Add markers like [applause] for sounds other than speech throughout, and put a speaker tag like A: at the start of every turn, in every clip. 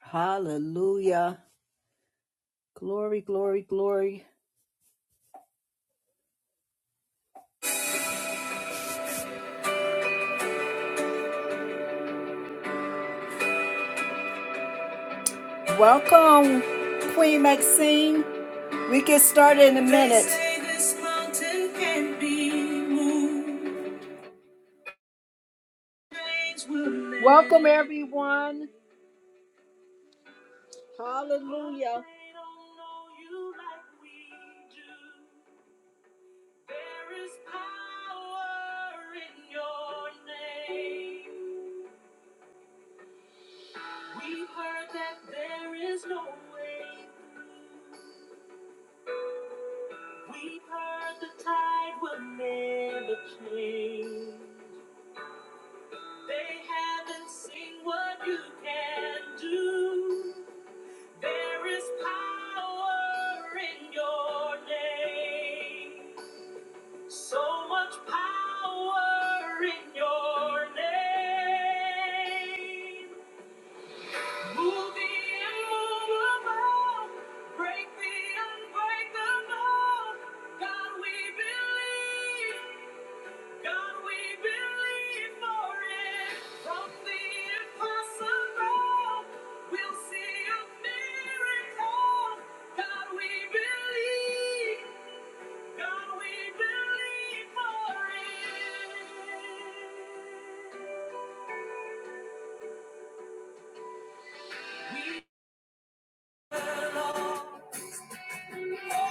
A: Hallelujah. Glory, glory, glory. Welcome, Queen Maxine. We get started in a minute. Welcome, everyone. Hallelujah. like there is no way We've heard the tide will never change. They haven't seen what you can do. There is power in your name. So much power in your name. Move the immovable, break the unbreakable. God, we believe. God, we believe for it. From the impossible, we'll see a miracle. God, we believe. God, we believe for it.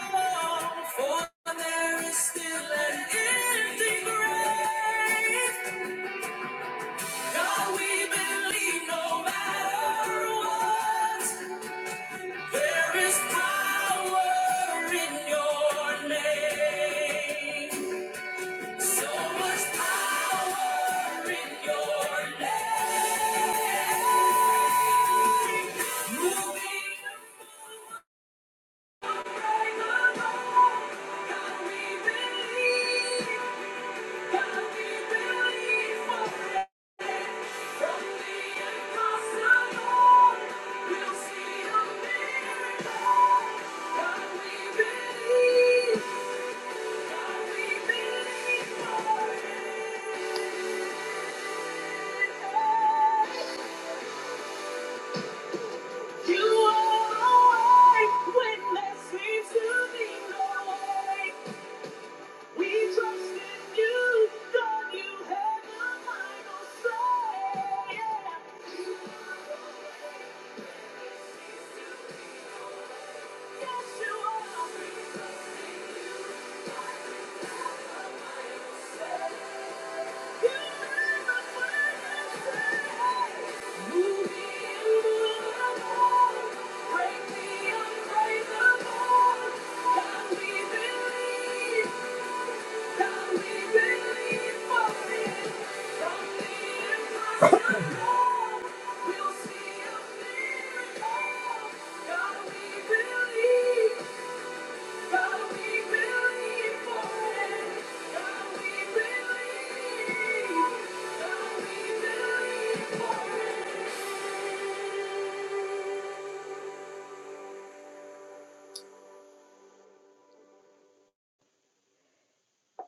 A: For there is still an empty grave. God, we believe no matter what, there is power in your name. So much power in your name. Moving God, we believe. God, we believe. You are the light when there seems to be no way. We trust in you, God, you have the final say. Yeah. You are the way. Yes, you are. We trust in You God, you have the final say. You have the final say. Move me and move the Break me unbreakable. God, we believe. Thank you.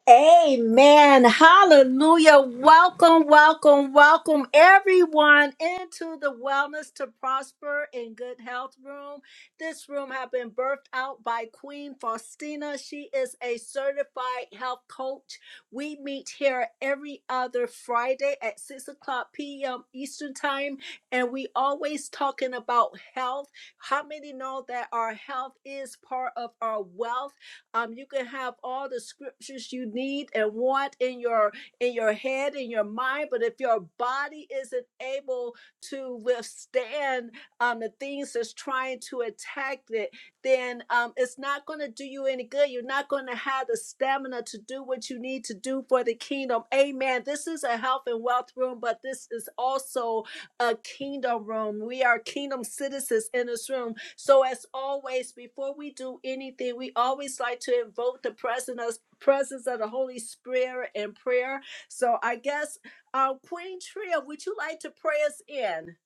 A: Amen. Hallelujah. Welcome, welcome, welcome everyone into the Wellness to Prosper in Good Health Room. This room has been birthed out by Queen Faustina. She is a certified health coach. We meet here every other Friday at 6 o'clock p.m. Eastern Time, and we always talking about health. How many know that our health is part of our wealth? Um, you can have all the scriptures you need and want in your in your head, in your mind, but if your body isn't able to withstand um, the things that's trying to attack it, then um, it's not going to do you any good. You're not going to have the stamina to do what you need to do for the kingdom. Amen. This is a health and wealth room, but this is also a kingdom room. We are kingdom citizens in this room. So, as always, before we do anything, we always like to invoke the presence presence of the Holy Spirit in prayer. So, I guess, uh, Queen Tria, would you like to pray us in?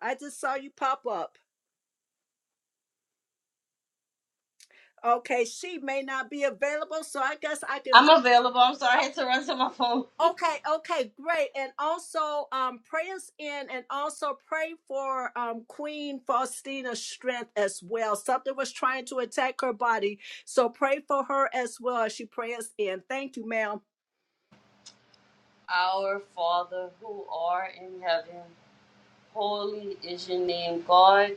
A: I just saw you pop up. Okay, she may not be available, so I guess I can
B: I'm available. I'm sorry, I had to run to my phone.
A: Okay, okay, great. And also um pray us in and also pray for um Queen Faustina's strength as well. Something was trying to attack her body. So pray for her as well as she prays in. Thank you, ma'am.
B: Our Father who art in heaven, holy is your name, God.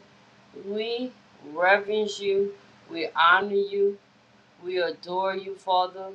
B: We reverence you, we honor you, we adore you, Father.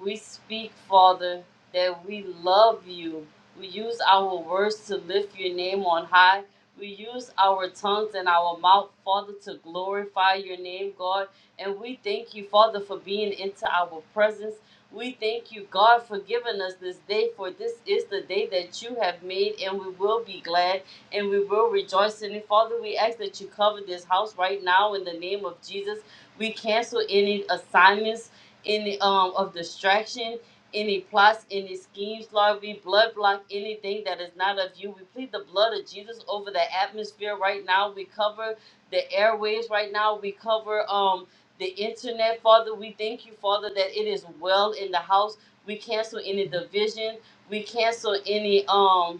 B: We speak, Father, that we love you. We use our words to lift your name on high. We use our tongues and our mouth, Father, to glorify your name, God. And we thank you, Father, for being into our presence. We thank you, God, for giving us this day, for this is the day that you have made, and we will be glad and we will rejoice in it. Father, we ask that you cover this house right now in the name of Jesus. We cancel any assignments any um of distraction, any plots, any schemes, Lord. We blood block anything that is not of you. We plead the blood of Jesus over the atmosphere right now. We cover the airwaves right now. We cover um the internet, Father. We thank you, Father, that it is well in the house. We cancel any division. We cancel any um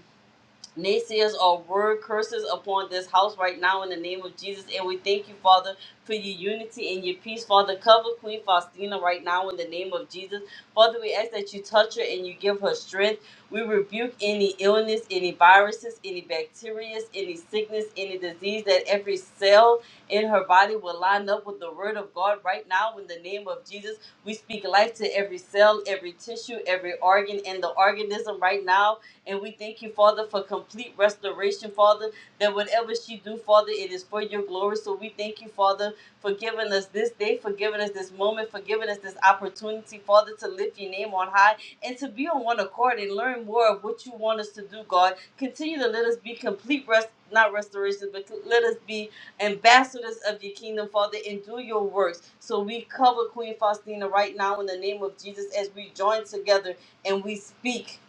B: naysayers or word curses upon this house right now in the name of Jesus. And we thank you, Father, for your unity and your peace. Father, cover Queen Faustina right now in the name of Jesus. Father, we ask that you touch her and you give her strength. We rebuke any illness, any viruses, any bacteria, any sickness, any disease, that every cell in her body will line up with the word of God right now in the name of Jesus. We speak life to every cell, every tissue, every organ, and the organism right now and we thank you, Father, for complete restoration, Father, that whatever she do, Father, it is for your glory. So we thank you, Father, for giving us this day, for giving us this moment, for giving us this opportunity, Father, to lift your name on high and to be on one accord and learn more of what you want us to do, God. Continue to let us be complete rest, not restoration, but let us be ambassadors of your kingdom, Father, and do your works. So we cover Queen Faustina right now in the name of Jesus as we join together and we speak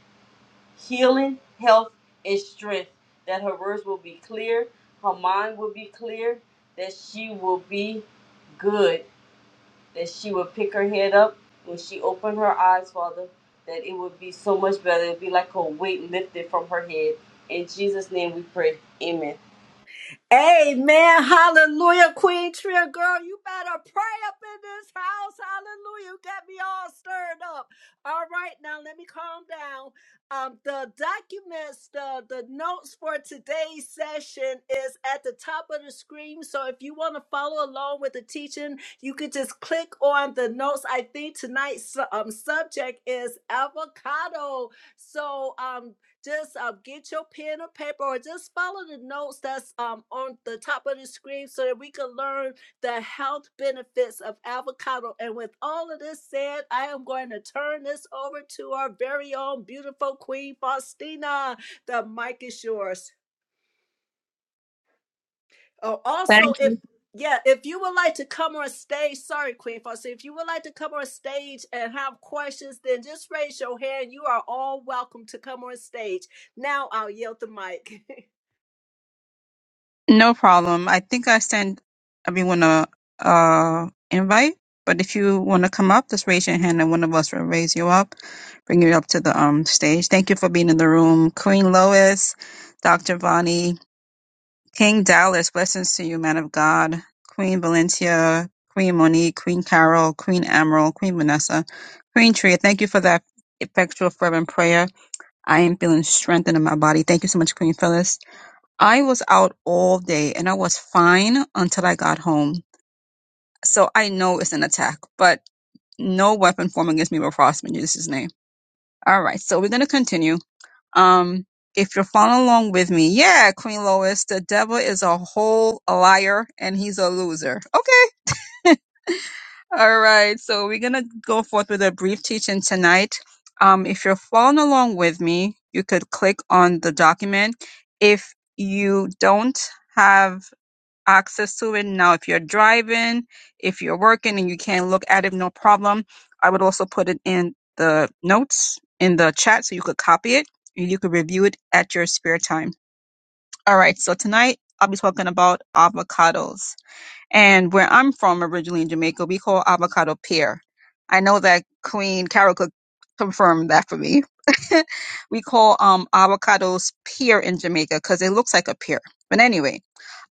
B: healing, health, and strength. That her words will be clear, her mind will be clear, that she will be good, that she will pick her head up when she opened her eyes, Father, that it would be so much better. It would be like a weight lifted from her head. In Jesus' name we pray. Amen.
A: Amen. Hallelujah. Queen Tria, girl, you better pray up in this house. Hallelujah. You got me all stirred up. All right, now let me calm down. Um, the documents, the, the notes for today's session is at the top of the screen. So if you want to follow along with the teaching, you could just click on the notes. I think tonight's um, subject is avocado. So um, just uh, get your pen or paper or just follow the notes that's um, on the top of the screen so that we can learn the health benefits of avocado. And with all of this said, I am going to turn this over to our very own beautiful Queen Faustina. The mic is yours. Oh, also,
C: Thank
A: if
C: you.
A: yeah, if you would like to come on stage, sorry, Queen Faustina, if you would like to come on stage and have questions, then just raise your hand. You are all welcome to come on stage. Now I'll yield the mic. [laughs]
C: No problem. I think I sent everyone a uh invite, but if you want to come up, just raise your hand and one of us will raise you up, bring you up to the um stage. Thank you for being in the room, Queen Lois, Dr. Vonnie, King Dallas. Blessings to you, man of God, Queen Valencia, Queen Monique, Queen Carol, Queen Emerald, Queen Vanessa, Queen Tria. Thank you for that effectual fervent prayer. I am feeling strengthened in my body. Thank you so much, Queen Phyllis. I was out all day and I was fine until I got home. So I know it's an attack, but no weapon formed against me will prosper in Jesus' name. All right, so we're going to continue. Um, if you're following along with me, yeah, Queen Lois, the devil is a whole liar and he's a loser. Okay. [laughs] all right, so we're going to go forth with a brief teaching tonight. Um, if you're following along with me, you could click on the document. If you don't have access to it. Now, if you're driving, if you're working and you can't look at it, no problem. I would also put it in the notes in the chat so you could copy it and you could review it at your spare time. All right, so tonight I'll be talking about avocados. And where I'm from originally in Jamaica, we call avocado pear. I know that Queen Carol could confirm that for me. [laughs] we call um avocados pear in Jamaica because it looks like a pear. But anyway,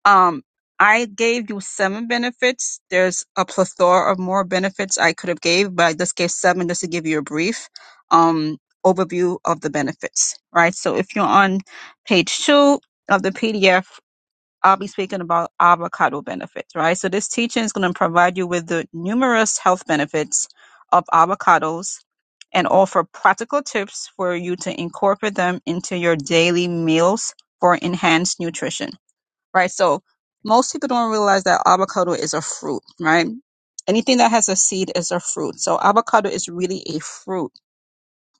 C: um, I gave you seven benefits. There's a plethora of more benefits I could have gave, but I just gave seven just to give you a brief um, overview of the benefits. Right. So if you're on page two of the PDF, I'll be speaking about avocado benefits. Right. So this teaching is going to provide you with the numerous health benefits of avocados and offer practical tips for you to incorporate them into your daily meals for enhanced nutrition right? So most people don't realize that avocado is a fruit, right? Anything that has a seed is a fruit. So avocado is really a fruit,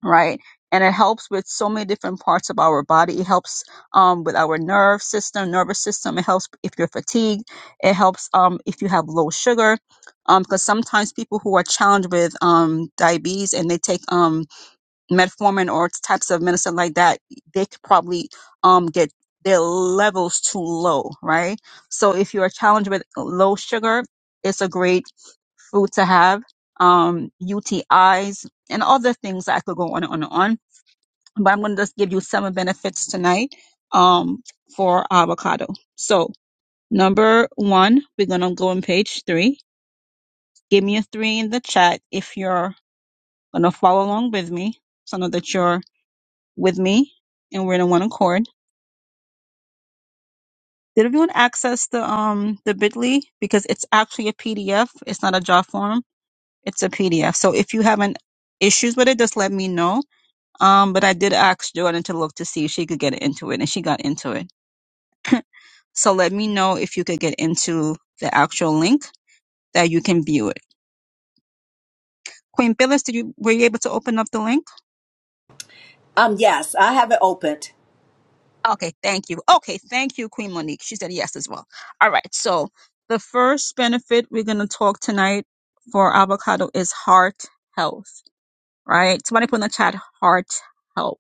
C: right? And it helps with so many different parts of our body. It helps um, with our nerve system, nervous system. It helps if you're fatigued. It helps um, if you have low sugar, um because sometimes people who are challenged with um, diabetes and they take um, metformin or types of medicine like that, they could probably um get their levels too low, right? So if you are challenged with low sugar, it's a great food to have. Um, UTIs and other things that I could go on and on and on. But I'm gonna just give you seven benefits tonight um for avocado. So number one, we're gonna go on page three. Give me a three in the chat if you're gonna follow along with me. So I know that you're with me and we're in one accord. Did everyone access the um the Bitly because it's actually a PDF. It's not a job form. It's a PDF. So if you have an issues with it, just let me know. Um, but I did ask Jordan to look to see if she could get into it, and she got into it. So let me know if you could get into the actual link that you can view it. Queen Phyllis, did you were you able to open up the link?
A: Um, yes, I have it opened.
C: Okay, thank you. Okay, thank you, Queen Monique. She said yes as well. All right, so the first benefit we're going to talk tonight for avocado is heart health, right? Somebody put in the chat heart health.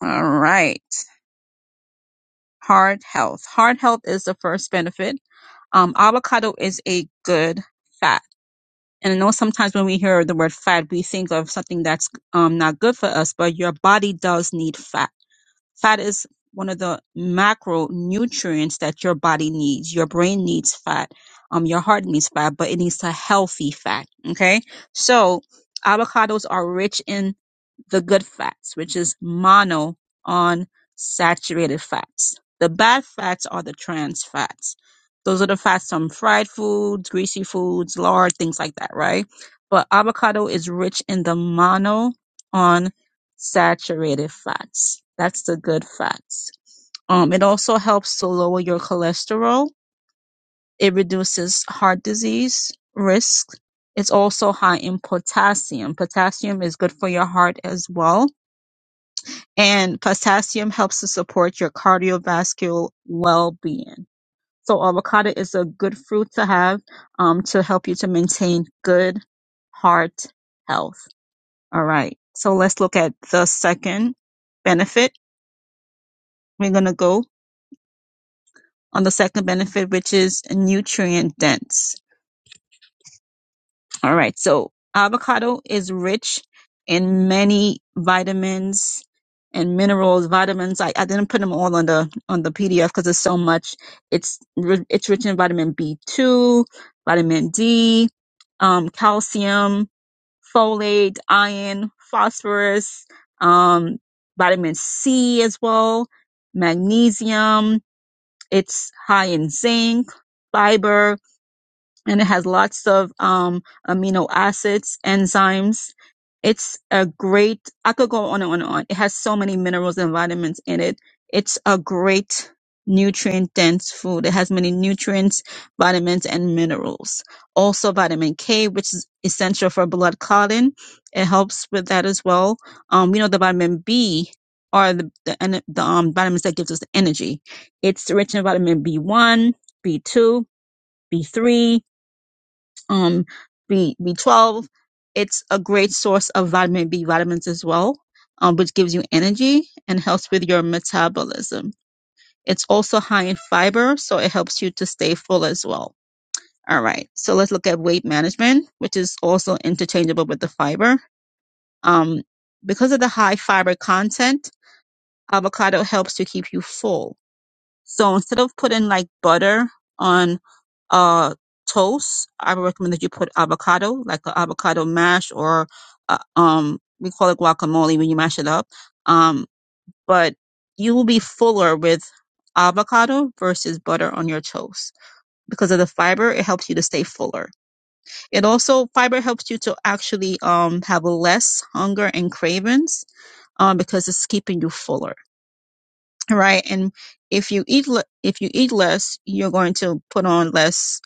C: All right, heart health. Heart health is the first benefit. Um, avocado is a good fat. And I know sometimes when we hear the word fat, we think of something that's um, not good for us, but your body does need fat Fat is one of the macronutrients that your body needs. Your brain needs fat. Um, your heart needs fat, but it needs a healthy fat. Okay. So avocados are rich in the good fats, which is monounsaturated fats. The bad fats are the trans fats. Those are the fats from fried foods, greasy foods, lard, things like that, right? But avocado is rich in the monounsaturated fats. That's the good fats. Um, it also helps to lower your cholesterol. It reduces heart disease risk. It's also high in potassium. Potassium is good for your heart as well and potassium helps to support your cardiovascular well-being. So avocado is a good fruit to have um, to help you to maintain good heart health. All right. So let's look at the second benefit. We're going to go on the second benefit, which is nutrient dense. All right. So avocado is rich in many vitamins and minerals. Vitamins. I, I didn't put them all on the on the PDF because there's so much. It's ri- it's rich in vitamin B two, vitamin D, um, calcium, folate, iron, phosphorus, um, vitamin C as well, magnesium. It's high in zinc, fiber, and it has lots of um, amino acids, enzymes. It's a great, I could go on and on and on. It has so many minerals and vitamins in it. It's a great nutrient dense food. It has many nutrients, vitamins, and minerals. Also vitamin K, which is essential for blood clotting. It helps with that as well. Um, you know, the vitamin B are the, the, ener- the um, vitamins that gives us energy. It's rich in vitamin B1, B2, B3, um, B, B12. It's a great source of vitamin B vitamins as well, um, which gives you energy and helps with your metabolism. It's also high in fiber, so it helps you to stay full as well. All right, so let's look at weight management, which is also interchangeable with the fiber. Um, because of the high fiber content, avocado helps to keep you full. So instead of putting like butter on uh, toast, I would recommend that you put avocado, like an avocado mash, or uh, um, we call it guacamole when you mash it up. Um, but you will be fuller with avocado versus butter on your toast because of the fiber. It helps you to stay fuller. It also fiber helps you to actually um, have less hunger and cravings um, because it's keeping you fuller, right? And if you eat le- if you eat less, you're going to put on less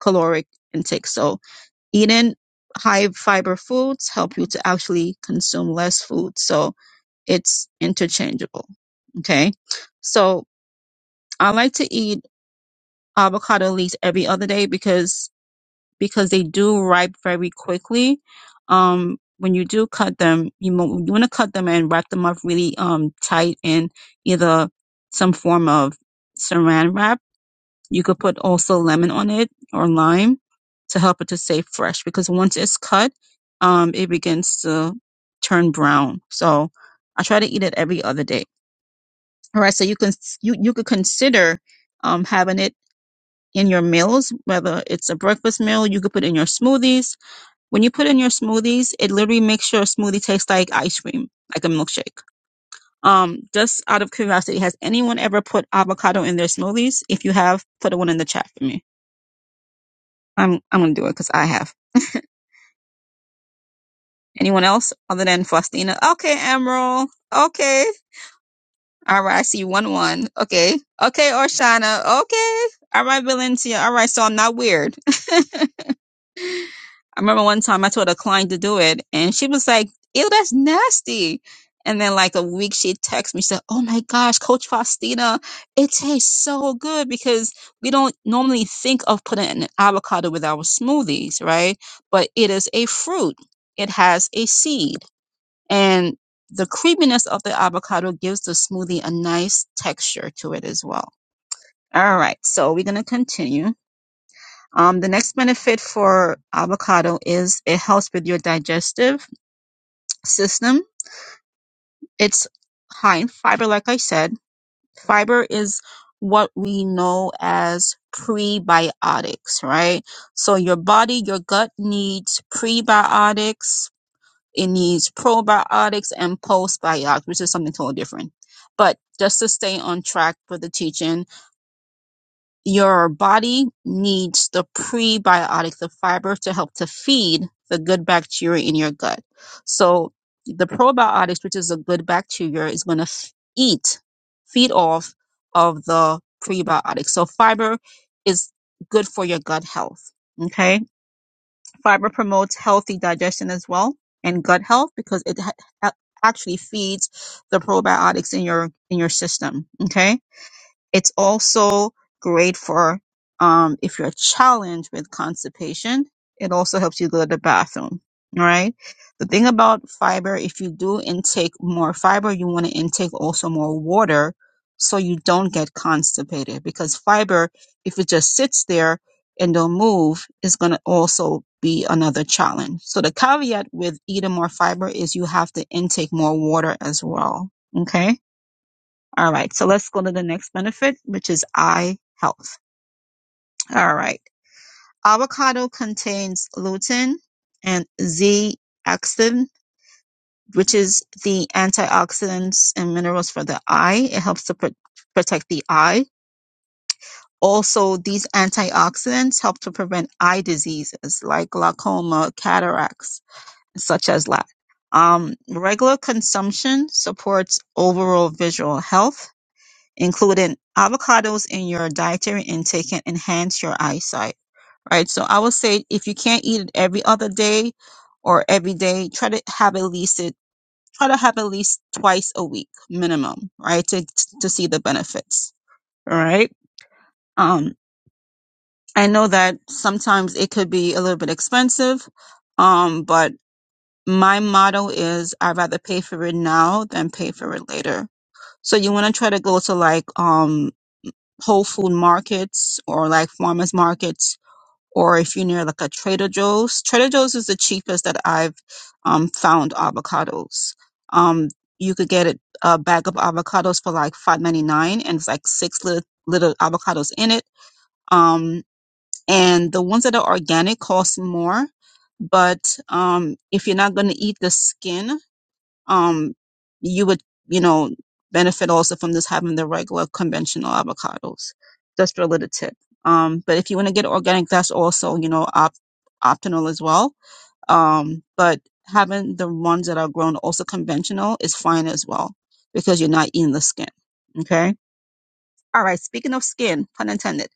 C: caloric intake. So eating high fiber foods help you to actually consume less food. So it's interchangeable. Okay. So I like to eat avocado leaves every other day because, because they do ripe very quickly. Um, when you do cut them, you, mo- you want to cut them and wrap them up really, um, tight in either some form of saran wrap you could put also lemon on it or lime to help it to stay fresh because once it's cut, um, it begins to turn brown. So I try to eat it every other day. All right. So you can you you could consider um, having it in your meals, whether it's a breakfast meal, you could put in your smoothies. When you put in your smoothies, it literally makes your smoothie taste like ice cream, like a milkshake. Um, just out of curiosity, has anyone ever put avocado in their smoothies? If you have, put one in the chat for me. I'm I'm gonna do it because I have. Anyone else other than Faustina? Okay, Emerald. Okay. All right, I see one one. Okay. Okay, Orshana. Okay. All right, Valencia. All right, so I'm not weird. [laughs] I remember one time I told a client to do it, and she was like, "Ew, that's nasty." And then like a week, she texted me, said, "Oh my gosh, Coach Faustina, it tastes so good because we don't normally think of putting an avocado with our smoothies, right? But it is a fruit. It has a seed, and the creaminess of the avocado gives the smoothie a nice texture to it as well. All right, so we're gonna continue. Um, the next benefit for avocado is it helps with your digestive system. It's high in fiber, like I said. Fiber is what we know as prebiotics, right? So your body, your gut needs prebiotics, it needs probiotics and postbiotics, which is something totally different. But just to stay on track for the teaching, your body needs the prebiotic, the fiber to help to feed the good bacteria in your gut. So the probiotics, which is a good bacteria, is going to f- eat, feed off of the prebiotics. So fiber is good for your gut health. Okay. Fiber promotes healthy digestion as well and gut health because it ha- a- actually feeds the probiotics in your in your system okay it's also great for um, if you're challenged with constipation. It also helps you go to the bathroom. All right. The thing about fiber, if you do intake more fiber, you want to intake also more water so you don't get constipated because fiber, if it just sits there and don't move, is going to also be another challenge. So the caveat with eating more fiber is you have to intake more water as well. Okay all right, so let's go to the next benefit, which is eye health. All right, avocado contains lutein and zeaxanthin, which is the antioxidants and minerals for the eye. It helps to pr- protect the eye. Also, these antioxidants help to prevent eye diseases like glaucoma, cataracts, such as that. Um, regular consumption supports overall visual health including avocados in your dietary intake can enhance your eyesight, right? So I would say if you can't eat it every other day or every day, try to have at least it, try to have at least twice a week minimum, right? To, to see the benefits. All right. Um, I know that sometimes it could be a little bit expensive. Um, but my motto is I'd rather pay for it now than pay for it later. So you want to try to go to like, um. whole food markets or like farmers markets or if you're near like a trader joe's trader joe's is the cheapest that i've um, found avocados um, you could get it, a bag of avocados for like 5.99 and it's like six little, little avocados in it um, and the ones that are organic cost more but um, if you're not going to eat the skin um, you would, you know, benefit also from just having the regular conventional avocados, just for a little tip. Um, but if you want to get organic, that's also, you know, op- optional as well. Um, but having the ones that are grown also conventional is fine as well because you're not eating the skin. Okay. All right. Speaking of skin, pun intended,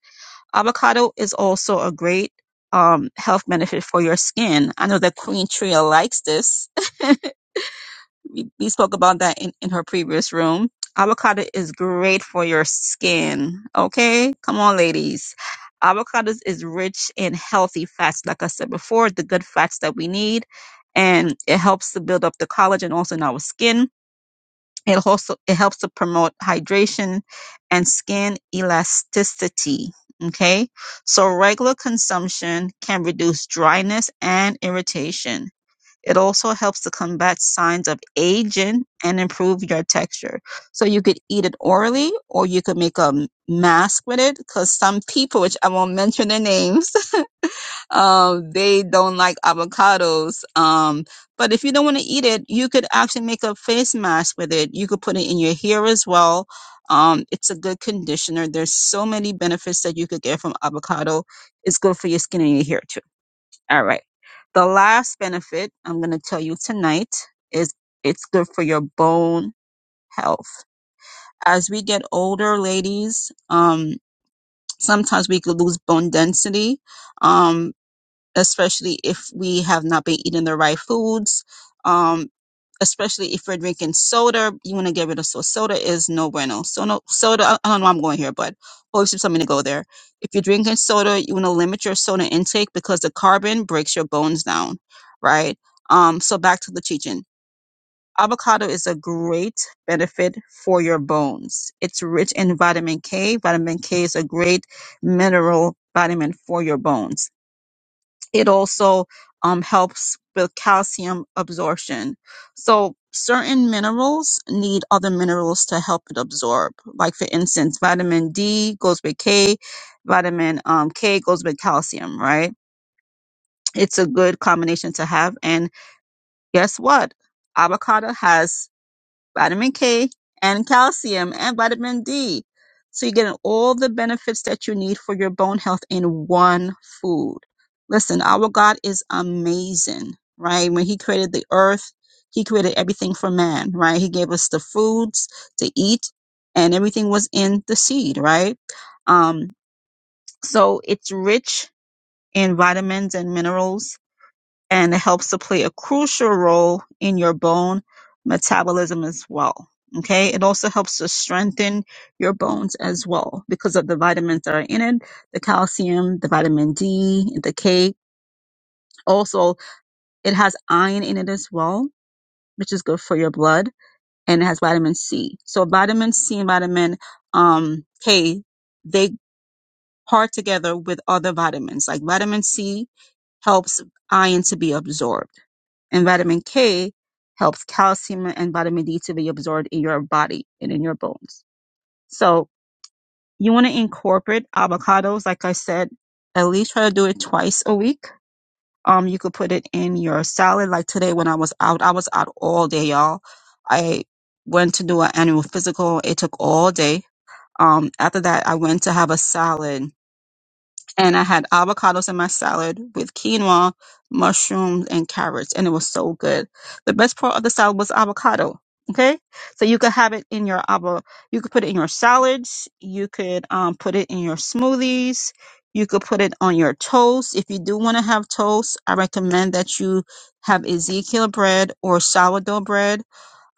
C: avocado is also a great um, health benefit for your skin. I know that Queen Tria likes this. [laughs] we, we spoke about that in, in her previous room. Avocado is great for your skin. Okay, come on, ladies. Avocados is rich in healthy fats, like I said before, the good fats that we need, and it helps to build up the collagen also in our skin. It also it helps to promote hydration and skin elasticity. Okay, so regular consumption can reduce dryness and irritation it also helps to combat signs of aging and improve your texture. So you could eat it orally or you could make a m- mask with it because some people, which I won't mention their names, [laughs] um, they don't like avocados. Um, but if you don't want to eat it, you could actually make a face mask with it. You could put it in your hair as well. Um, it's a good conditioner. There's so many benefits that you could get from avocado. It's good for your skin and your hair too. All right. The last benefit I'm going to tell you tonight is it's good for your bone health. As we get older, ladies, um, sometimes we could lose bone density. Um, especially if we have not been eating the right foods. Um, especially if we're drinking soda, you want to get rid of soda. Soda is no bueno. So no soda. I I don't know. Where I'm going here, but always something to go there. If you're drinking soda, you want to limit your soda intake because the carbon breaks your bones down, right? Um, so back to the chichen. Avocado is a great benefit for your bones. It's rich in vitamin K. Vitamin K is a great mineral vitamin for your bones it also um, helps with calcium absorption. So certain minerals need other minerals to help it absorb. Like for instance, vitamin D goes with K, vitamin um, K goes with calcium, right? It's a good combination to have. And guess what? Avocado has vitamin K, and calcium and vitamin D. So you're getting all the benefits that you need for your bone health in one food. Listen, our God is amazing, right? When He created the earth, He created everything for man, right? He gave us the foods to eat, and everything was in the seed, right? Um, so it's rich in vitamins and minerals and it helps to play a crucial role in your bone metabolism as well. Okay. It also helps to strengthen your bones as well because of the vitamins that are in it, the calcium, the vitamin D, the K. Also, it has iron in it as well, which is good for your blood and it has vitamin C. So vitamin C and vitamin um, K, they part together with other vitamins like vitamin C helps iron to be absorbed And vitamin K helps calcium and vitamin D to be absorbed in your body and in your bones. So you want to incorporate avocados, like I said, at least try to do it twice a week. Um, you could put it in your salad. Like today when I was out, I was out all day, y'all. I went to do an annual physical. It took all day. Um, after that, I went to have a salad and I had avocados in my salad with quinoa, mushrooms, and carrots, and it was so good. The best part of the salad was avocado. Okay, so you could have it in your avo, you could put it in your salads, you could um, put it in your smoothies, you could put it on your toast. If you do want to have toast, I recommend that you have Ezekiel bread or sourdough bread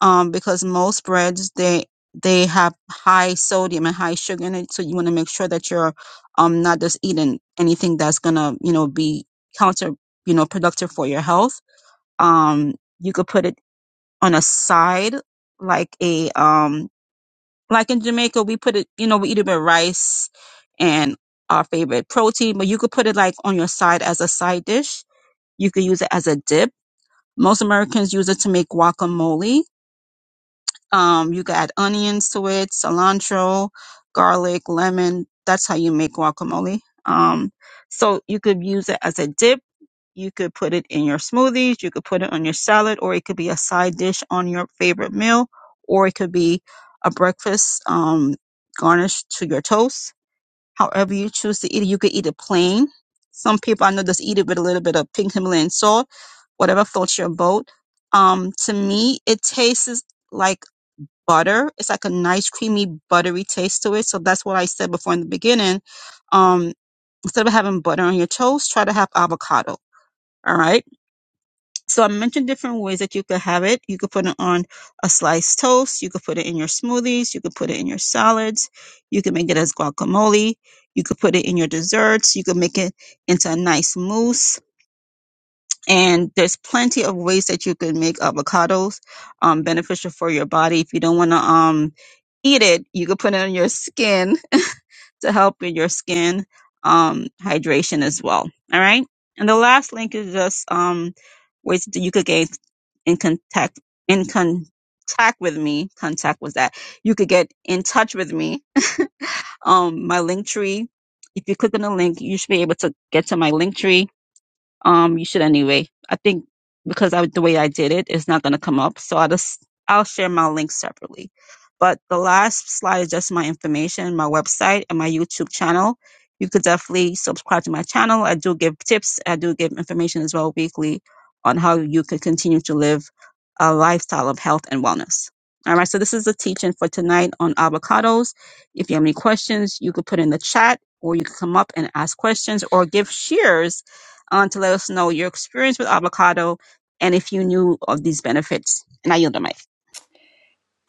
C: um, because most breads they they have high sodium and high sugar in it, so you want to make sure that you're um not just eating anything that's gonna you know be counter you know productive for your health. Um, you could put it on a side like a um like in Jamaica we put it you know we eat it with rice and our favorite protein, but you could put it like on your side as a side dish. You could use it as a dip. Most Americans use it to make guacamole Um, you could add onions to it, cilantro, garlic, lemon. That's how you make guacamole. Um, so you could use it as a dip. You could put it in your smoothies. You could put it on your salad, or it could be a side dish on your favorite meal, or it could be a breakfast um, garnish to your toast. However you choose to eat it, you could eat it plain. Some people I know just eat it with a little bit of pink Himalayan salt, whatever floats your boat. Um, to me, it tastes like butter. It's like a nice creamy buttery taste to it. So that's what I said before in the beginning. Um, instead of having butter on your toast, try to have avocado. All right. So I mentioned different ways that you could have it. You could put it on a sliced toast. You could put it in your smoothies. You could put it in your salads. You could make it as guacamole. You could put it in your desserts. You could make it into a nice mousse and there's plenty of ways that you can make avocados um, beneficial for your body. If you don't want to um, eat it, you can put it on your skin [laughs] to help with your skin um, hydration as well. All right. And the last link is just um, ways that you could get in contact in contact with me. Contact was that you could get in touch with me. Um, my link tree. If you click on the link, you should be able to get to my link tree um, you should anyway. I think because I, the way I did it, it's not going to come up. So I'll just I'll share my links separately. But the last slide is just my information, my website, and my YouTube channel. You could definitely subscribe to my channel. I do give tips. I do give information as well weekly on how you can continue to live a lifestyle of health and wellness. All right. So this is the teaching for tonight on avocados. If you have any questions, you could put in the chat or you could come up and ask questions or give shares on to let us know your experience with avocado and if you knew of these benefits. And I yield the mic.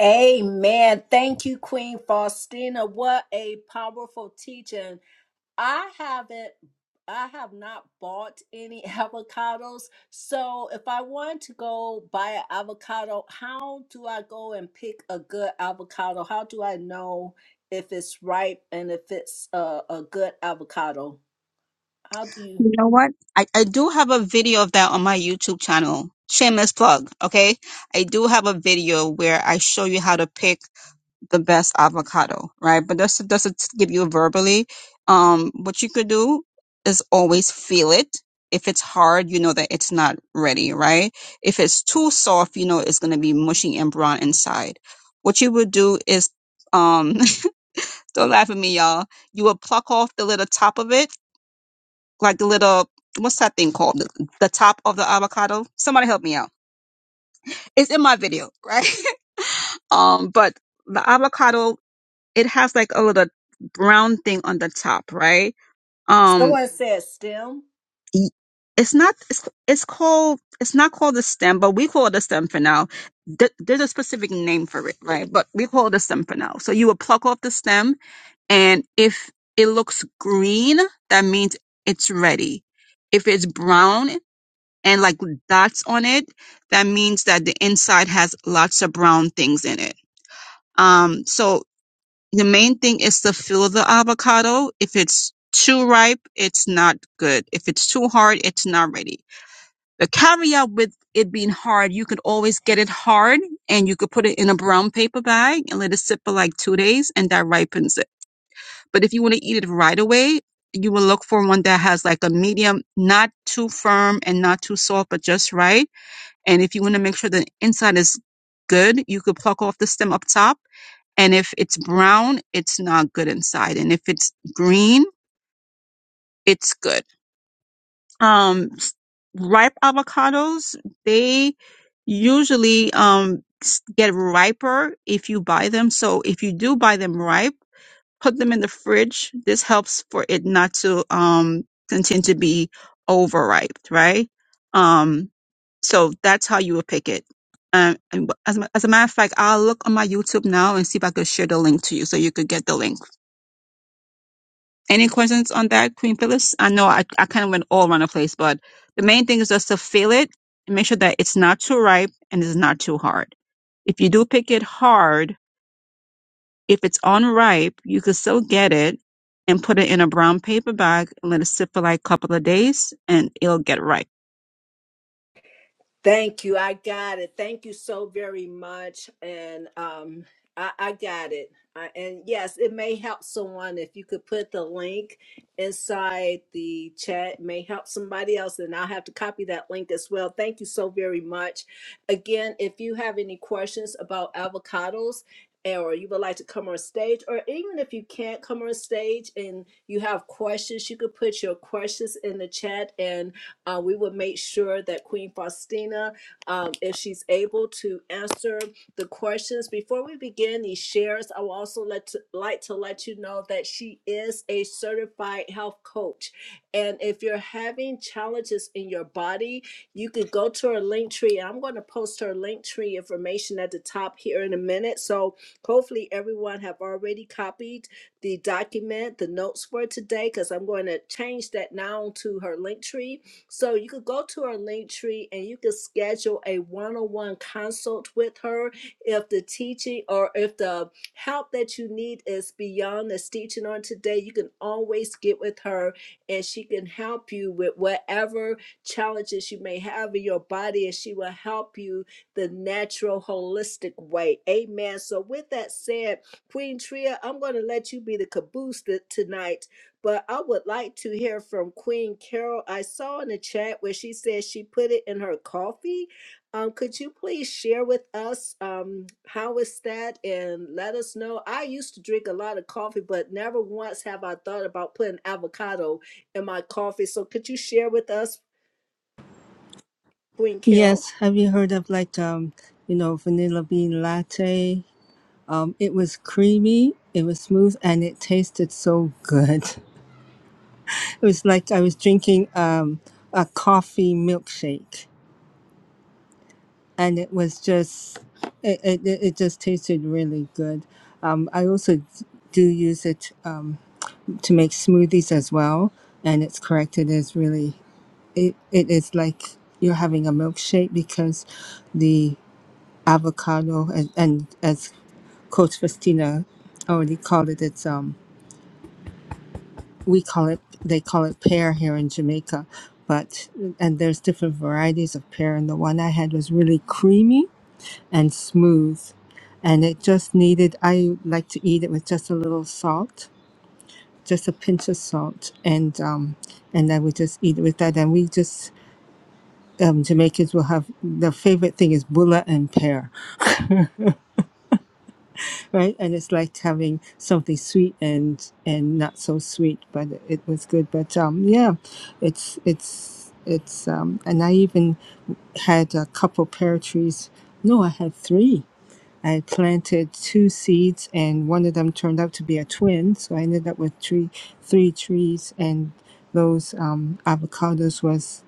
A: Amen. Thank you, Queen Faustina. What a powerful teaching. I haven't I have not bought any [laughs] avocados. So if I want to go buy an avocado, how do I go and pick a good avocado? How do I know if it's ripe and if it's a, a good avocado? How do you
C: You know what? I, I do have a video of that on my YouTube channel. Shameless plug, okay? I do have a video where I show you how to pick the best avocado, right? But that's that's it give you verbally. Um, what you could do is always feel it. If it's hard, you know that it's not ready, right? If it's too soft, you know it's gonna be mushy and brown inside. What you would do is, um, [laughs] don't laugh at me, y'all. You would pluck off the little top of it, like the little what's that thing called? The, the top of the avocado. Somebody help me out. It's in my video, right? [laughs] um, but the avocado it has like a little brown thing on the top, right? Um,
A: someone said stem?
C: y- it's not, it's, it's called, it's not called a stem, but we call it a stem for now. Th- there's a specific name for it, right? But we call it a stem for now. So you would pluck off the stem and if it looks green, that means it's ready. If it's brown and like dots on it, that means that the inside has lots of brown things in it. Um, so The main thing is to feel the avocado. If it's too ripe, it's not good. If it's too hard, it's not ready. The caveat with it being hard, you could always get it hard and you could put it in a brown paper bag and let it sit for like two days and that ripens it. But if you want to eat it right away, you will look for one that has like a medium, not too firm and not too soft, but just right. And if you want to make sure the inside is good, you could pluck off the stem up top and if it's brown, it's not good inside. And if it's green, it's good. Um, ripe avocados, they usually um, s- get riper if you buy them. So if you do buy them ripe, put them in the fridge. This helps for it not to um, continue to be overripe, right? Um, so that's how you would pick it. Um, and as, a- as a matter of fact, I'll look on my YouTube now and see if I could share the link to you so you could get the link Any questions on that, Queen Phyllis? I know I, I kind of went all around the place, but the main thing is just to feel it and make sure that it's not too ripe and it's not too hard. If you do pick it hard, if it's unripe, you can still get it and put it in a brown paper bag and let it sit for like a couple of days and it'll get ripe.
A: Thank you. I got it. Thank you so very much. And um, I, I got it. I, and yes, it may help someone if you could put the link inside the chat. It may help somebody else, and I'll have to copy that link as well. Thank you so very much. Again, if you have any questions about avocados, eh, or you would like to come on stage, or even if you can't come on stage and you have questions, you could put your questions in the chat, and uh, we will make sure that Queen Faustina, um, if she's able to answer the questions. Before we begin these shares, I will also let to, like to let you know that she is a certified health coach. And if you're having challenges in your body, you could go to her link tree. I'm going to post her link tree information at the top here in a minute. So hopefully everyone have already copied the document, the notes for today, because I'm going to change that now to her link tree so you could go to her link tree and you could schedule a one-on-one consult with her if the teaching or if the help that you need is beyond this teaching on today. You can always get with her and she can help you with whatever challenges you may have in your body and she will help you the natural holistic way. Amen. So with that said, Queen Tria, I'm going to let you be the caboose th- tonight but I would like to hear from Queen Carol. I saw in the chat where she said she put it in her coffee. Um, could you please share with us um, how is that and let us know? I used to drink a lot of coffee, but never once have I thought about putting avocado in my coffee. So could you share with us, Queen Carol?
D: Yes, have you heard of like um, you know, vanilla bean latte? Um, it was creamy, it was smooth, and it tasted so good. [laughs] It was like I was drinking um a coffee milkshake, and it was just it it, it it just tasted really good. Um, I also do use it um to make smoothies as well, and it's correct. It is really it it is like you're having a milkshake because avocado and, and as coach Christina already called it it's um we call it they call it pear here in jamaica but and there's different varieties of pear and the one i had was really creamy and smooth and it just needed i like to eat it with just a little salt just a pinch of salt and um and i would just eat it with that and we just um jamaicans will have their favorite thing is bulla and pear right? And it's like having something sweet and and not so sweet, but it was good. But um, yeah, it's it's it's um, and I even had a couple pear trees. No, I had three. I had planted two seeds, and one of them turned out to be a twin. So I ended up with three three trees, and those um, avocados was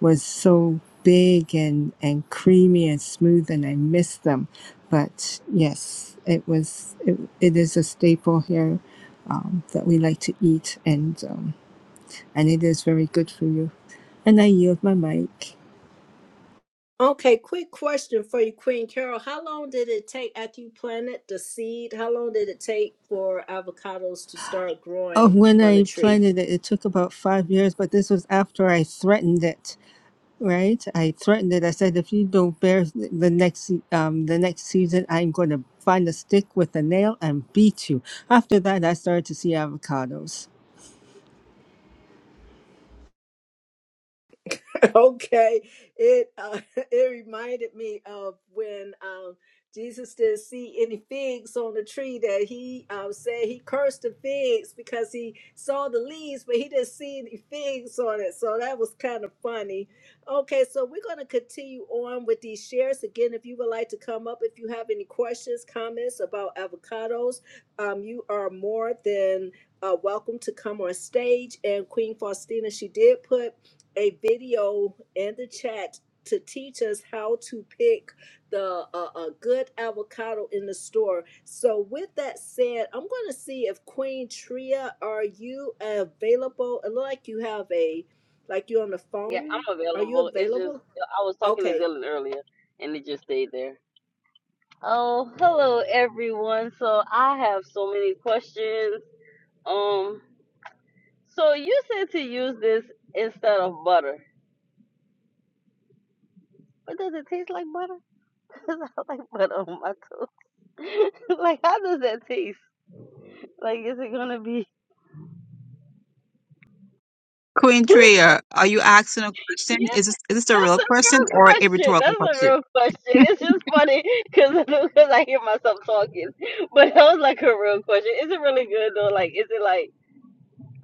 D: was so big and, and creamy and smooth and I miss them. But yes, it was it, it is a staple here um, that we like to eat and um, and it is very good for you. And I yield my mic.
A: Okay, quick question for you, Queen Carol. How long did it take after you planted the seed? How long did it take for avocados to start
D: Oh,
A: growing
D: when
A: on a
D: I
A: tree?
D: planted it, it took about five years, but this was after I threatened it. right? I threatened it. I said, if you don't bear the next um, the next season, I'm going to find a stick with a nail and beat you. After that, I started to see avocados.
A: [laughs] okay it uh, [laughs] it reminded me of when um jesus didn't see any figs on the tree that he um said he cursed the figs because he saw the leaves but he didn't see any figs on it so that was kind of funny okay so we're going to continue on with these shares again if you would like to come up if you have any questions comments about avocados um you are more than uh, welcome to come on stage and queen faustina she did put a video in the chat to teach us how to pick the uh, a good avocado in the store. So with that said, I'm going to see if Queen Tria, are you available? It look like you have a like you on the phone. Are you available?
B: I was talking to
A: Okay.
B: Dylan earlier, and it just stayed there. Oh, hello, everyone. So I have so many questions. Um, so you said to use this instead of butter. But does it taste like butter? [laughs] Cause I like butter on my toast. [laughs] like, how does that taste? Like, is it gonna be?
C: Queen
B: [laughs]
C: Tria, are you asking a question?
B: yeah,
C: Is this is this a
B: that's
C: real
B: a
C: question
B: real
C: or a
B: question.
C: rhetorical
B: That's a
C: question?
B: real question. It's just funny [laughs] because because I hear myself talking. [laughs] But that was like a real question. Is it really good though? Like, is it like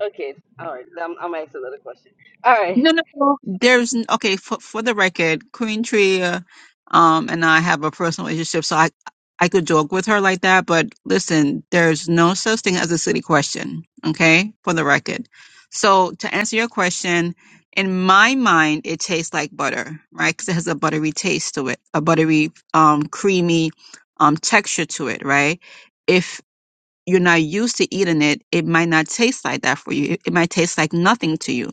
B: okay? All right, I'm I'm asking another question. All right,
C: No, no, no. There's n- okay for for the record, Queen Tria, um, and I have a personal relationship, so I I could joke with her like that. But listen, there's no such thing as a silly question. Okay, for the record. So to answer your question, in my mind, it tastes like butter, right? Because it has a buttery taste to it, a buttery, um, creamy, um, texture to it, right? If you're not used to eating it, it might not taste like that for you. It might taste like nothing to you.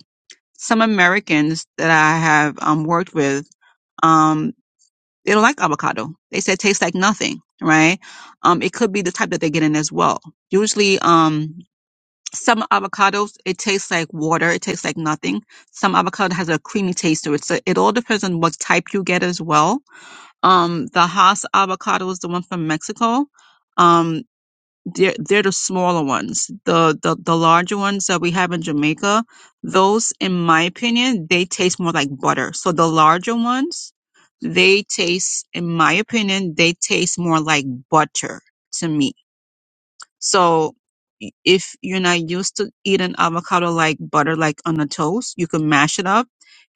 C: Some Americans that I have um, worked with, um, they don't like avocado. They say it tastes like nothing, right? Um, it could be the type that they're getting as well. Usually, um, some avocados, it tastes like water. It tastes like nothing. Some avocado has a creamy taste to it. So it all depends on what type you get as well. Um, the Hass avocado is the one from Mexico. Um, they're they're the smaller ones. The the the larger ones that we have in Jamaica, those in my opinion, they taste more like butter. So the larger ones, they taste in my opinion, they taste more like butter to me. So i- if you're not used to eating avocado like butter, like on a toast, you can mash it up.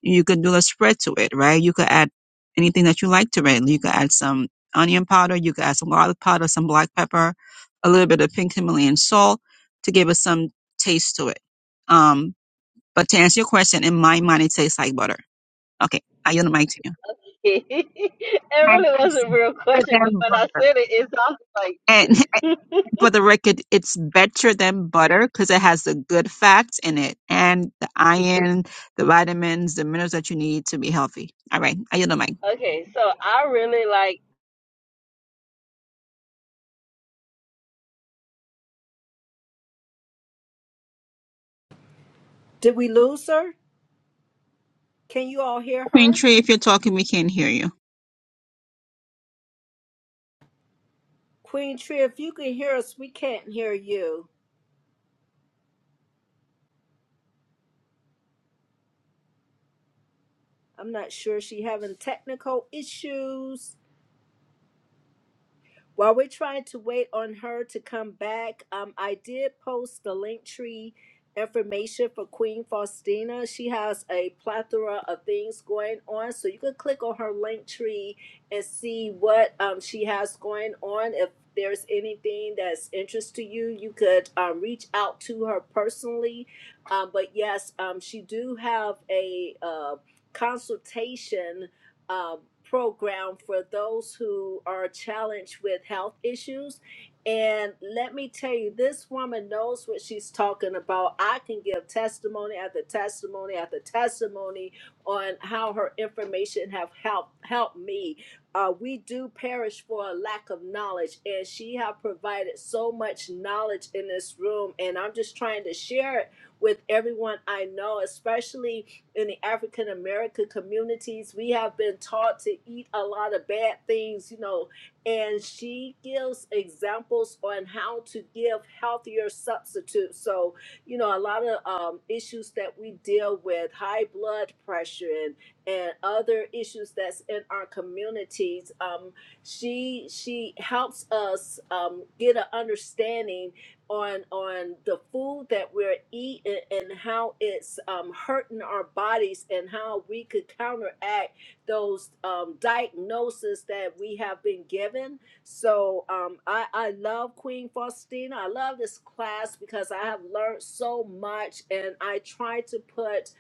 C: You could do a spread to it, right? You could add anything that you like to it. You could add some onion powder. You could add some garlic powder, some black pepper, a little bit of pink Himalayan salt to give it some taste to it. Um, but to answer your question, in my mind, it tastes like butter. Okay. I yield the mic to you.
B: [laughs] it
C: And
B: really was a real
C: [laughs]
B: question,
C: better
B: but
C: than
B: when I
C: butter.
B: said it, it sounded like
C: for the record, it's better than butter because it has the good fats in it and the iron, the vitamins, the minerals that you need to be healthy. All right, I yield the mic.
B: okay. So I really like.
A: Did we lose her? Can you all hear
C: Queen
A: her?
C: Tree, if you're talking, we can't hear you.
A: Queen Tria, if you can hear us, we can't hear you. I'm not sure she having technical issues. While we're trying to wait on her to come back, um, I did post the link tree information for Queen Faustina. She has a plethora of things going on, so you can click on her link tree and see what um, she has going on. If there's anything that's interest to you, you could um, reach out to her personally. Um, but yes, um, she do have a uh, consultation uh, program for those who are challenged with health issues. And let me tell you, this woman knows what she's talking about. I can give testimony after testimony after testimony on how her information have helped helped me. Uh, we do perish for a lack of knowledge, and she have provided so much knowledge in this room. And I'm just trying to share it with everyone I know, especially in the African American communities, we have been taught to eat a lot of bad things, you know. And she gives examples on how to give healthier substitutes. So, you know, a lot of um, issues that we deal with, high blood pressure and, and other issues that's in our communities. Um, she she helps us um, get an understanding on on the food that we're eating and how it's um, hurting our bodies and how we could counteract those um, diagnoses that we have been given. So um, I, I love Queen Faustina. I love this class because I have learned so much and I try to put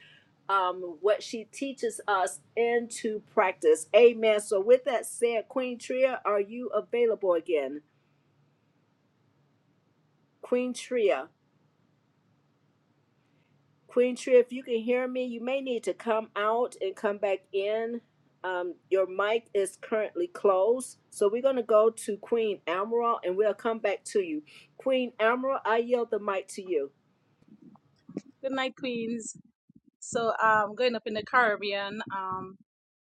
A: um, what she teaches us into practice. Amen. So with that said, Queen Tria, are you available again? Queen Tria. Queen Tree, if you can hear me, you may need to come out and come back in. Um, your mic is currently closed. So we're going to go to Queen Amaral and we'll come back to you. Queen Amaral, I yield the mic to you.
E: Good night, Queens. So, um, going up in the Caribbean, um,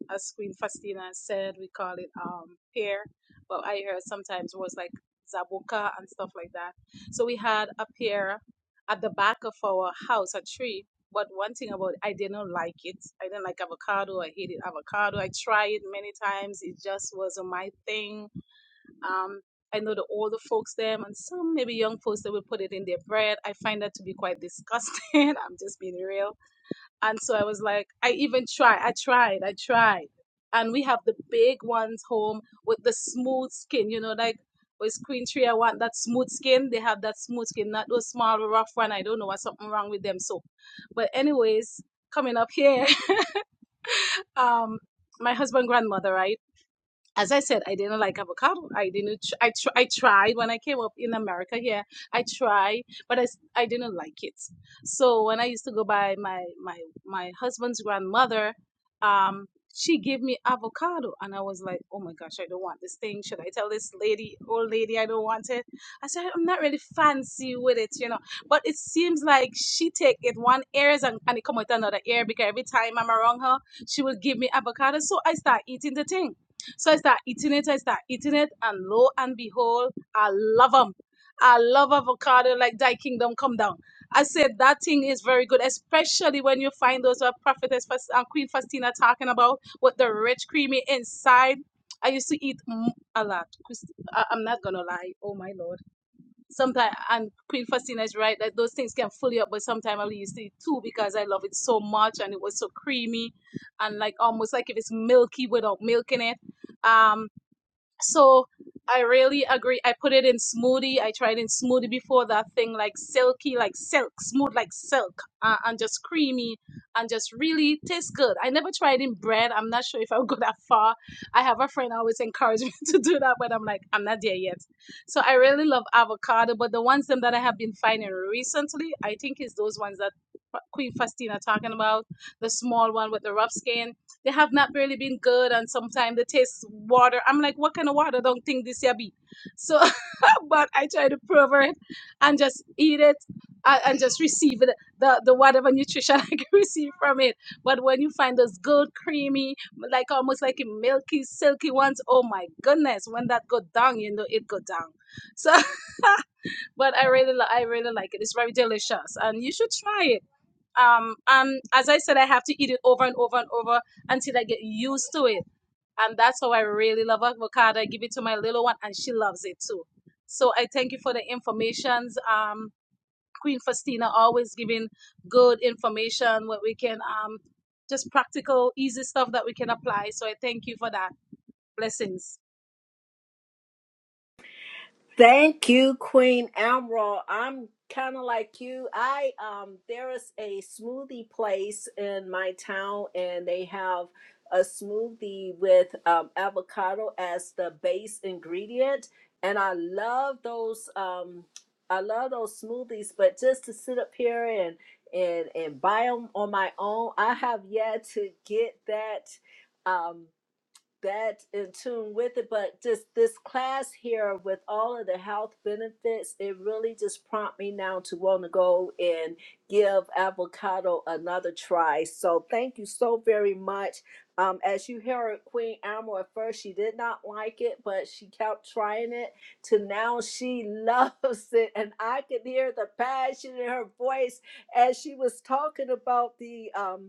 E: as Queen Faustina said, we call it um pear, but I heard sometimes it was like zabuka and stuff like that. So we had a pear at the back of our house, a tree. But one thing about it, I didn't like it. I didn't like avocado. I hated avocado. I tried it many times. It just wasn't my thing um, I know the older folks them and some maybe young folks that will put it in their bread. I find that to be quite disgusting. [laughs] I'm just being real. And so I was like, I even tried. I tried. I tried. And we have the big ones home with the smooth skin, you know, like with Queen Tree, I want that smooth skin. They have that smooth skin, not those small, rough one. I don't know what's something wrong with them. So, but anyways, coming up here, [laughs] um, my husband grandmother, right? as I said, I didn't like avocado. I didn't. Tr- I tr- I tried when I came up in America here. I tried, but I, s- I didn't like it. So when I used to go by my my my husband's grandmother, um, she gave me avocado, and I was like, oh my gosh, I don't want this thing. Should I tell this lady, old lady, I don't want it? I said I'm not really fancy with it, you know. But it seems like she take it one ears and, and it come with another ear because every time I'm around her, she would give me avocado. So I start eating the thing so I start eating it, I start eating it, and lo and behold, I love them. I love avocado like thy kingdom come down. I said that thing is very good, especially when you find those what prophetess Fas- uh, Queen Faustina talking about with the rich creamy inside. I used to eat mm, a lot. 'cause I- I'm not gonna lie. Oh my lord. Sometimes, and Queen Faustina is right that those things can fill you up, but sometimes I'll use it too because I love it so much and it was so creamy and like almost like if it's milky without milk in it. Um, so I really agree. I put it in smoothie. I tried in smoothie before that thing like silky, like silk, smooth like silk, uh, and just creamy, and just really tastes good. I never tried in bread. I'm not sure if I'll go that far. I have a friend always encourage me [laughs] to do that, but I'm like I'm not there yet. So I really love avocado, but the ones them that I have been finding recently, I think is those ones that Queen Faustina talking about, the small one with the rough skin. They have not really been good, and sometimes they taste water. I'm like, what kind of water? Don't think this here be. So, [laughs] but I try to prove it and just eat it and, and just receive it, the the whatever nutrition [laughs] I can receive from it. But when you find those good, creamy, like almost like a milky, silky ones, oh my goodness! When that go down, you know it go down. So [laughs] but I really, li- I really like it. It's very delicious, and you should try it um, and as I said, I have to eat it over and over and over until I get used to it. And that's how I really love avocado. I give it to my little one, and she loves it too. So I thank you for the informations. Um, Queen Faustina always giving good information where we can um, just practical, easy stuff that we can apply. So I thank you for that. Blessings.
A: Thank you, Queen Amro. I'm kind of like you. I um there is a smoothie place in my town and they have a smoothie with um, avocado as the base ingredient and I love those um I love those smoothies, but just to sit up here and and and buy them on my own, I have yet to get that. Um, that in tune with it but just this class here with all of the health benefits it really just prompt me now to want to go and give avocado another try so thank you so very much um, as you heard queen Amor at first she did not like it but she kept trying it to now she [laughs] loves it and i could hear the passion in her voice as she was talking about the um,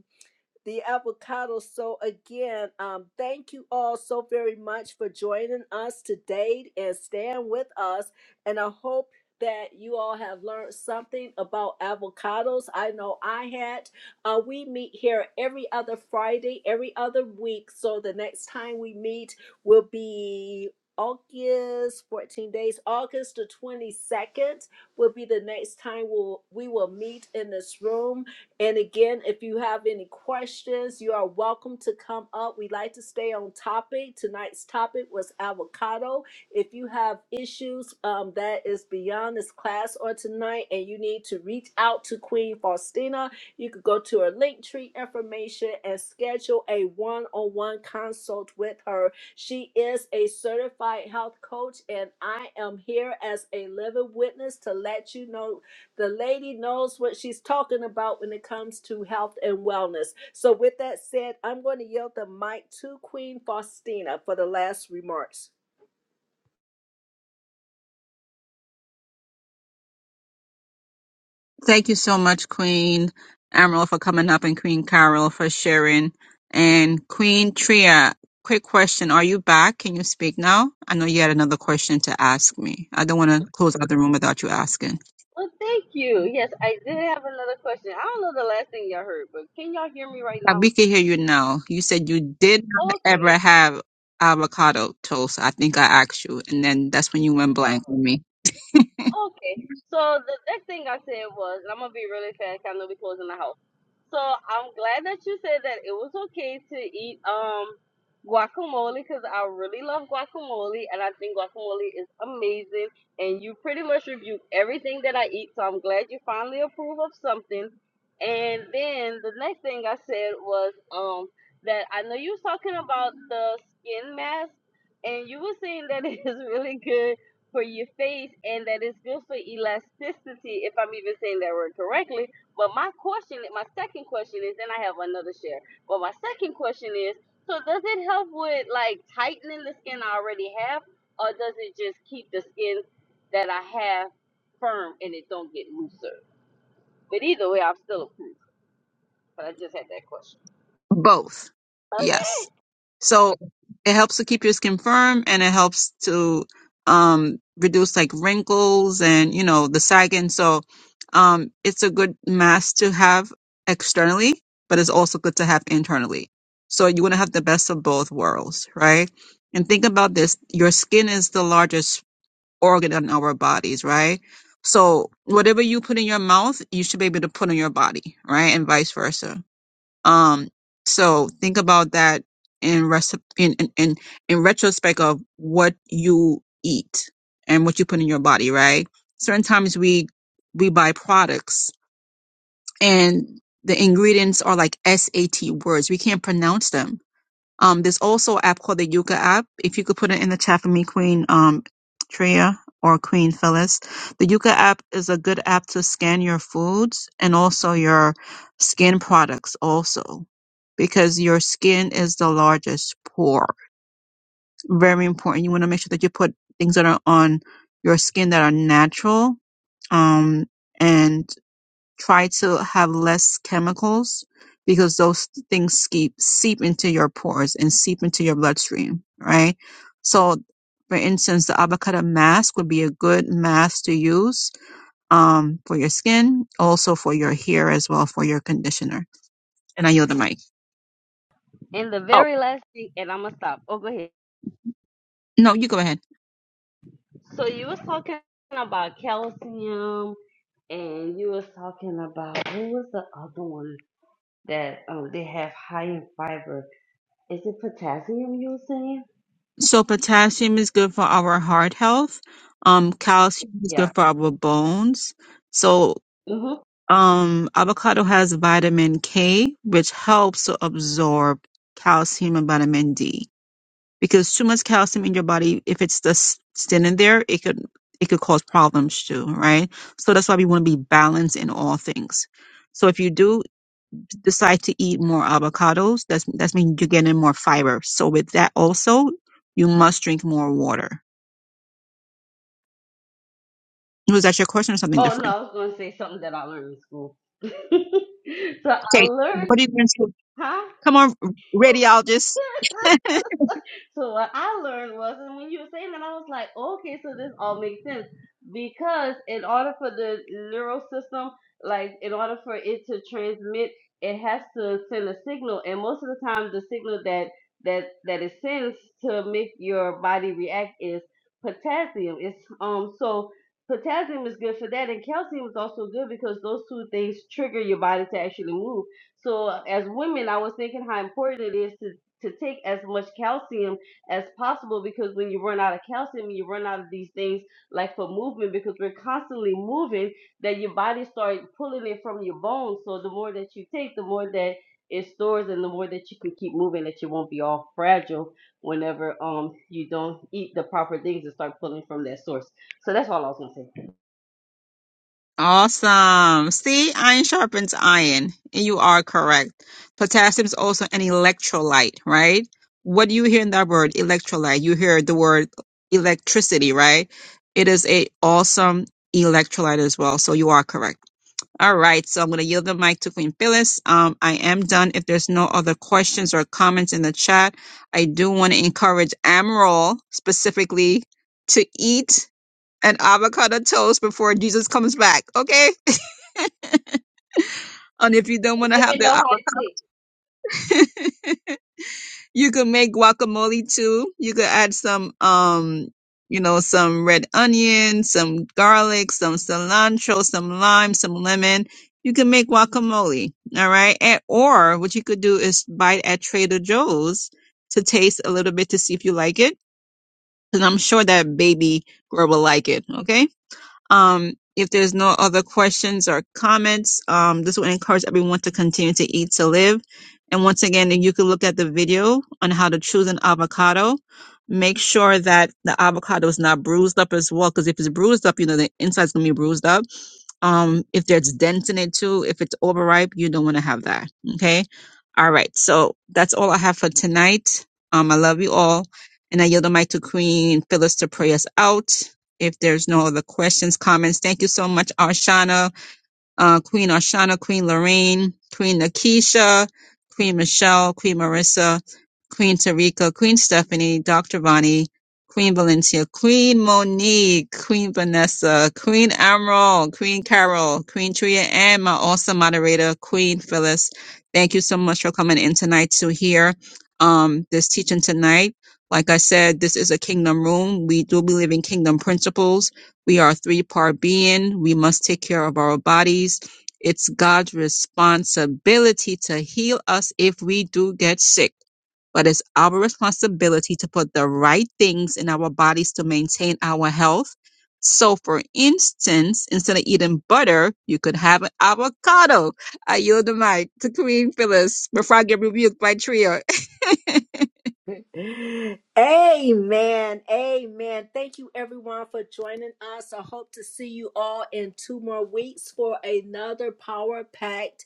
A: the avocado. So again, um, thank you all so very much for joining us today and staying with us. And I hope that you all have learned something about avocados. I know I had. Uh, we meet here every other Friday, every other week. So the next time we meet will be. August 14 days, August the 22nd will be the next time we'll, we will meet in this room. And again, if you have any questions, you are welcome to come up. We like to stay on topic. Tonight's topic was avocado. If you have issues um, that is beyond this class or tonight and you need to reach out to Queen Faustina, you could go to her linktree information and schedule a one on one consult with her. She is a certified health coach, and I am here as a living witness to let you know the lady knows what she's talking about when it comes to health and wellness. So, with that said, I'm going to yield the mic to Queen Faustina for the last remarks.
C: Thank you so much, Queen Amaryl, for coming up and Queen Carol for sharing. And Queen Tria, quick question. Are you back? Can you speak now? I know you had another question to ask me. I don't want to close out the room without you asking.
B: Well, thank you. Yes, I did have another question. I don't know the last thing y'all heard, but can y'all hear me right
C: Uh,
B: now?
C: We can hear you now. You said you did not
B: Okay.
C: ever have avocado toast. I think I asked you, and then that's when you went
B: Oh.
C: blank with me. [laughs]
B: Okay. So the next thing I said was, and I'm gonna be really fast. 'cause I know we closing the house. So I'm glad that you said that it was okay to eat um guacamole because I really love guacamole and I think guacamole is amazing. And you pretty much reviewed everything that I eat, so I'm glad you finally approve of something. And then the next thing I said was um that I know you was talking about the skin mask and you were saying that [laughs] it is really good for your face and that it's good for elasticity if I'm even saying that word correctly. But my question, my second question is, and I have another share. But my second question is, so does it help with like tightening the skin I already have, or does it just keep the skin that I have firm and it don't get looser? But either way, I'm still approved. But I just had that question.
C: Both.
B: Okay.
C: Yes. So it helps to keep your skin firm and it helps to um reduce like wrinkles and you know the sagging. So um it's a good mask to have externally, but it's also good to have internally. So you want to have the best of both worlds, right? And think about this, your skin is the largest organ in our bodies, right? So whatever you put in your mouth, you should be able to put in your body, right? And vice versa. Um, so think about that in rest in, in in in retrospect of what you eat and what you put in your body, right? Certain times we we buy products and the ingredients are like SAT words. We can't pronounce them um, there's also an app called the Yuka app. If you could put it in the chat for me, Queen um, Treya or Queen Phyllis. The Yuka app is a good app to scan your foods and also your skin products also because your skin is the largest pore. Very important. You want to make sure that you put things that are on your skin that are natural. Um, and try to have less chemicals because those things seep, seep into your pores and seep into your bloodstream, right? So, for instance, the avocado mask would be a good mask to use um, for your skin, also for your hair as well, for your conditioner. And I yield the mic.
B: And the
C: Oh,
B: very last thing, and I'm gonna stop. Oh, go ahead.
C: no, you go ahead.
B: So you was talking about calcium and you was talking about what was the other one that um they have high in fiber? Is it potassium you were saying?
C: So, potassium is good for our heart health. Um, calcium is
B: Yeah.
C: good for our bones. So
B: hmm
C: Um, avocado has vitamin K, which helps to absorb calcium and vitamin D. Because too much calcium in your body, if it's just standing there, it could it could cause problems too, right? So that's why we want to be balanced in all things. So if you do decide to eat more avocados, that's that's mean you're getting more fiber. So with that also, you must drink more water. Was that your question or something
B: Oh no,
C: different?
B: I was gonna say something that I learned in school. [laughs] so I
C: Okay,
B: learned,
C: what are you going to?
B: huh?
C: Come on, radiologist.
B: So what I learned was, and when you were saying that, I was like, okay, so this all makes sense because in order for the neural system, like in order for it to transmit, it has to send a signal, and most of the time, the signal that that that it sends to make your body react is potassium. It's um so potassium is good for that, and calcium is also good because those two things trigger your body to actually move. So as women, I was thinking how important it is to to take as much calcium as possible because when you run out of calcium you run out of these things like for movement because we're constantly moving that your body starts pulling it from your bones so the more that you take the more that it stores and the more that you can keep moving that you won't be all fragile whenever um you don't eat the proper things and start pulling from that source so that's all i was going to say
C: Awesome. See, iron sharpens iron, and you are correct. Potassium is also an electrolyte, right? What do you hear in that word, electrolyte? You hear the word electricity, right? It is a awesome electrolyte as well, so you are correct. All right, so I'm going to yield the mic to Queen Phyllis. Um, I am done. If there's no other questions or comments in the chat, I do want to encourage Amaral specifically to eat an avocado toast before Jesus comes back. Okay. And if you don't want to have
B: Living
C: the
B: no high
C: avocado,
B: tea.
C: [laughs] you could make guacamole too. You could add some, um, you know, some red onion, some garlic, some cilantro, some lime, some lemon. You can make guacamole. All right. And, or what you could do is buy it at Trader Joe's to taste a little bit to see if you like it. And I'm sure that baby girl will like it. Okay. Um, if there's no other questions or comments, um, this will encourage everyone to continue to eat to live. And once again, you can look at the video on how to choose an avocado. Make sure that the avocado is not bruised up as well, because if it's bruised up, you know the inside's gonna be bruised up um if there's dents in it too if it's overripe you don't want to have that okay all right so that's all i have for tonight um i love you all and i yield the mic to queen phyllis to pray us out if there's no other questions comments thank you so much arshana uh, Queen Arshana, Queen Lorraine, Queen Nakisha, Queen Michelle, Queen Marissa, Queen Tarika, Queen Stephanie, Dr. Bonnie, Queen Valencia, Queen Monique, Queen Vanessa, Queen Emerald, Queen Carol, Queen Tria, and my awesome moderator, Queen Phyllis. Thank you so much for coming in tonight to hear um, this teaching tonight. Like I said, this is a kingdom room. We do believe in kingdom principles we are a three part being. We must take care of our bodies. It's God's responsibility to heal us if we do get sick. But it's our responsibility to put the right things in our bodies to maintain our health. So, for instance, instead of eating butter, you could have an avocado. I yield the mic to Queen Phyllis before I get rebuked by Trio. [laughs]
A: [laughs] Amen. Amen. Thank you, everyone, for joining us. I hope to see you all in two more weeks for another power packed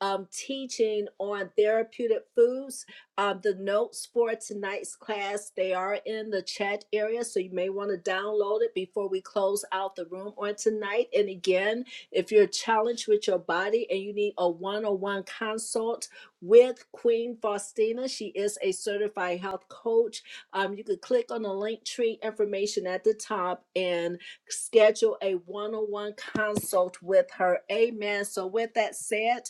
A: um, teaching on therapeutic foods. Um, the notes for tonight's class they are in the chat area, so you may want to download it before we close out the room on tonight. And again, if you're challenged with your body and you need a one-on-one consult with Queen Faustina. She is a certified health coach. Um, you could click on the link tree information at the top and schedule a one on one consult with her. Amen. So, with that said,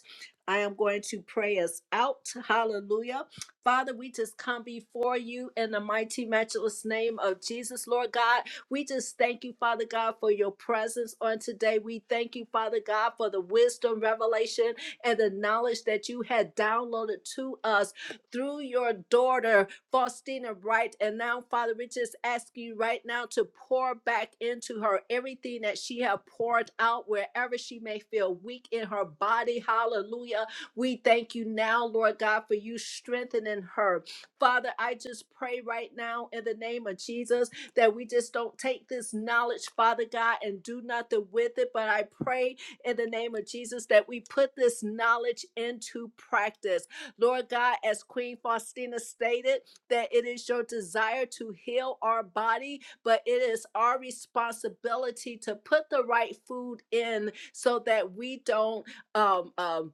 A: I am going to pray us out. Hallelujah. Father, we just come before you in the mighty, matchless name of Jesus, Lord God. We just thank you, Father God, for your presence on today. We thank you, Father God, for the wisdom, revelation, and the knowledge that you had downloaded to us through your daughter, Faustina Wright. And now, Father, we just ask you right now to pour back into her everything that she have poured out wherever she may feel weak in her body. Hallelujah. We thank you now, Lord God, for you strengthening her. Father, I just pray right now in the name of Jesus that we just don't take this knowledge, Father God, and do nothing with it. But I pray in the name of Jesus that we put this knowledge into practice. Lord God, as Queen Faustina stated, that it is your desire to heal our body, but it is our responsibility to put the right food in so that we don't um, um,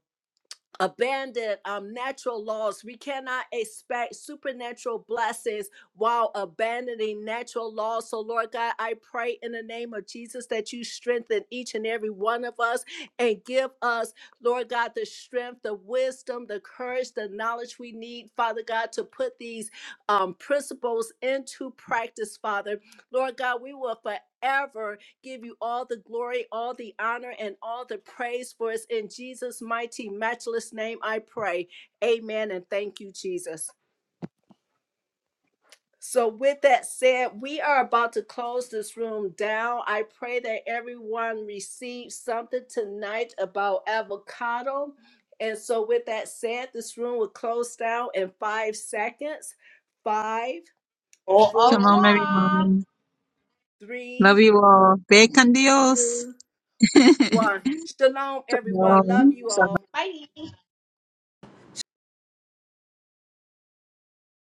A: abandon um, natural laws. We cannot expect supernatural blessings while abandoning natural laws. So, Lord God, I pray in the name of Jesus that you strengthen each and every one of us and give us, Lord God, the strength, the wisdom, the courage, the knowledge we need, Father God, to put these um, principles into practice, Father. Lord God, we will forever give you all the glory, all the honor, and all the praise for us. In Jesus' mighty, matchless name, I pray. Amen. And thank you, Jesus. So, with that said, we are about to close this room down. I pray that everyone receives something tonight about avocado. And so, with that said, this room will close down in five seconds. Five,
C: Shalom,
A: four,
C: everyone. Love
A: three,
C: you all. Bacon Dios.
A: two,
C: [laughs]
A: one. Shalom, everyone. Love
C: Shalom.
A: you
C: Shalom.
A: all.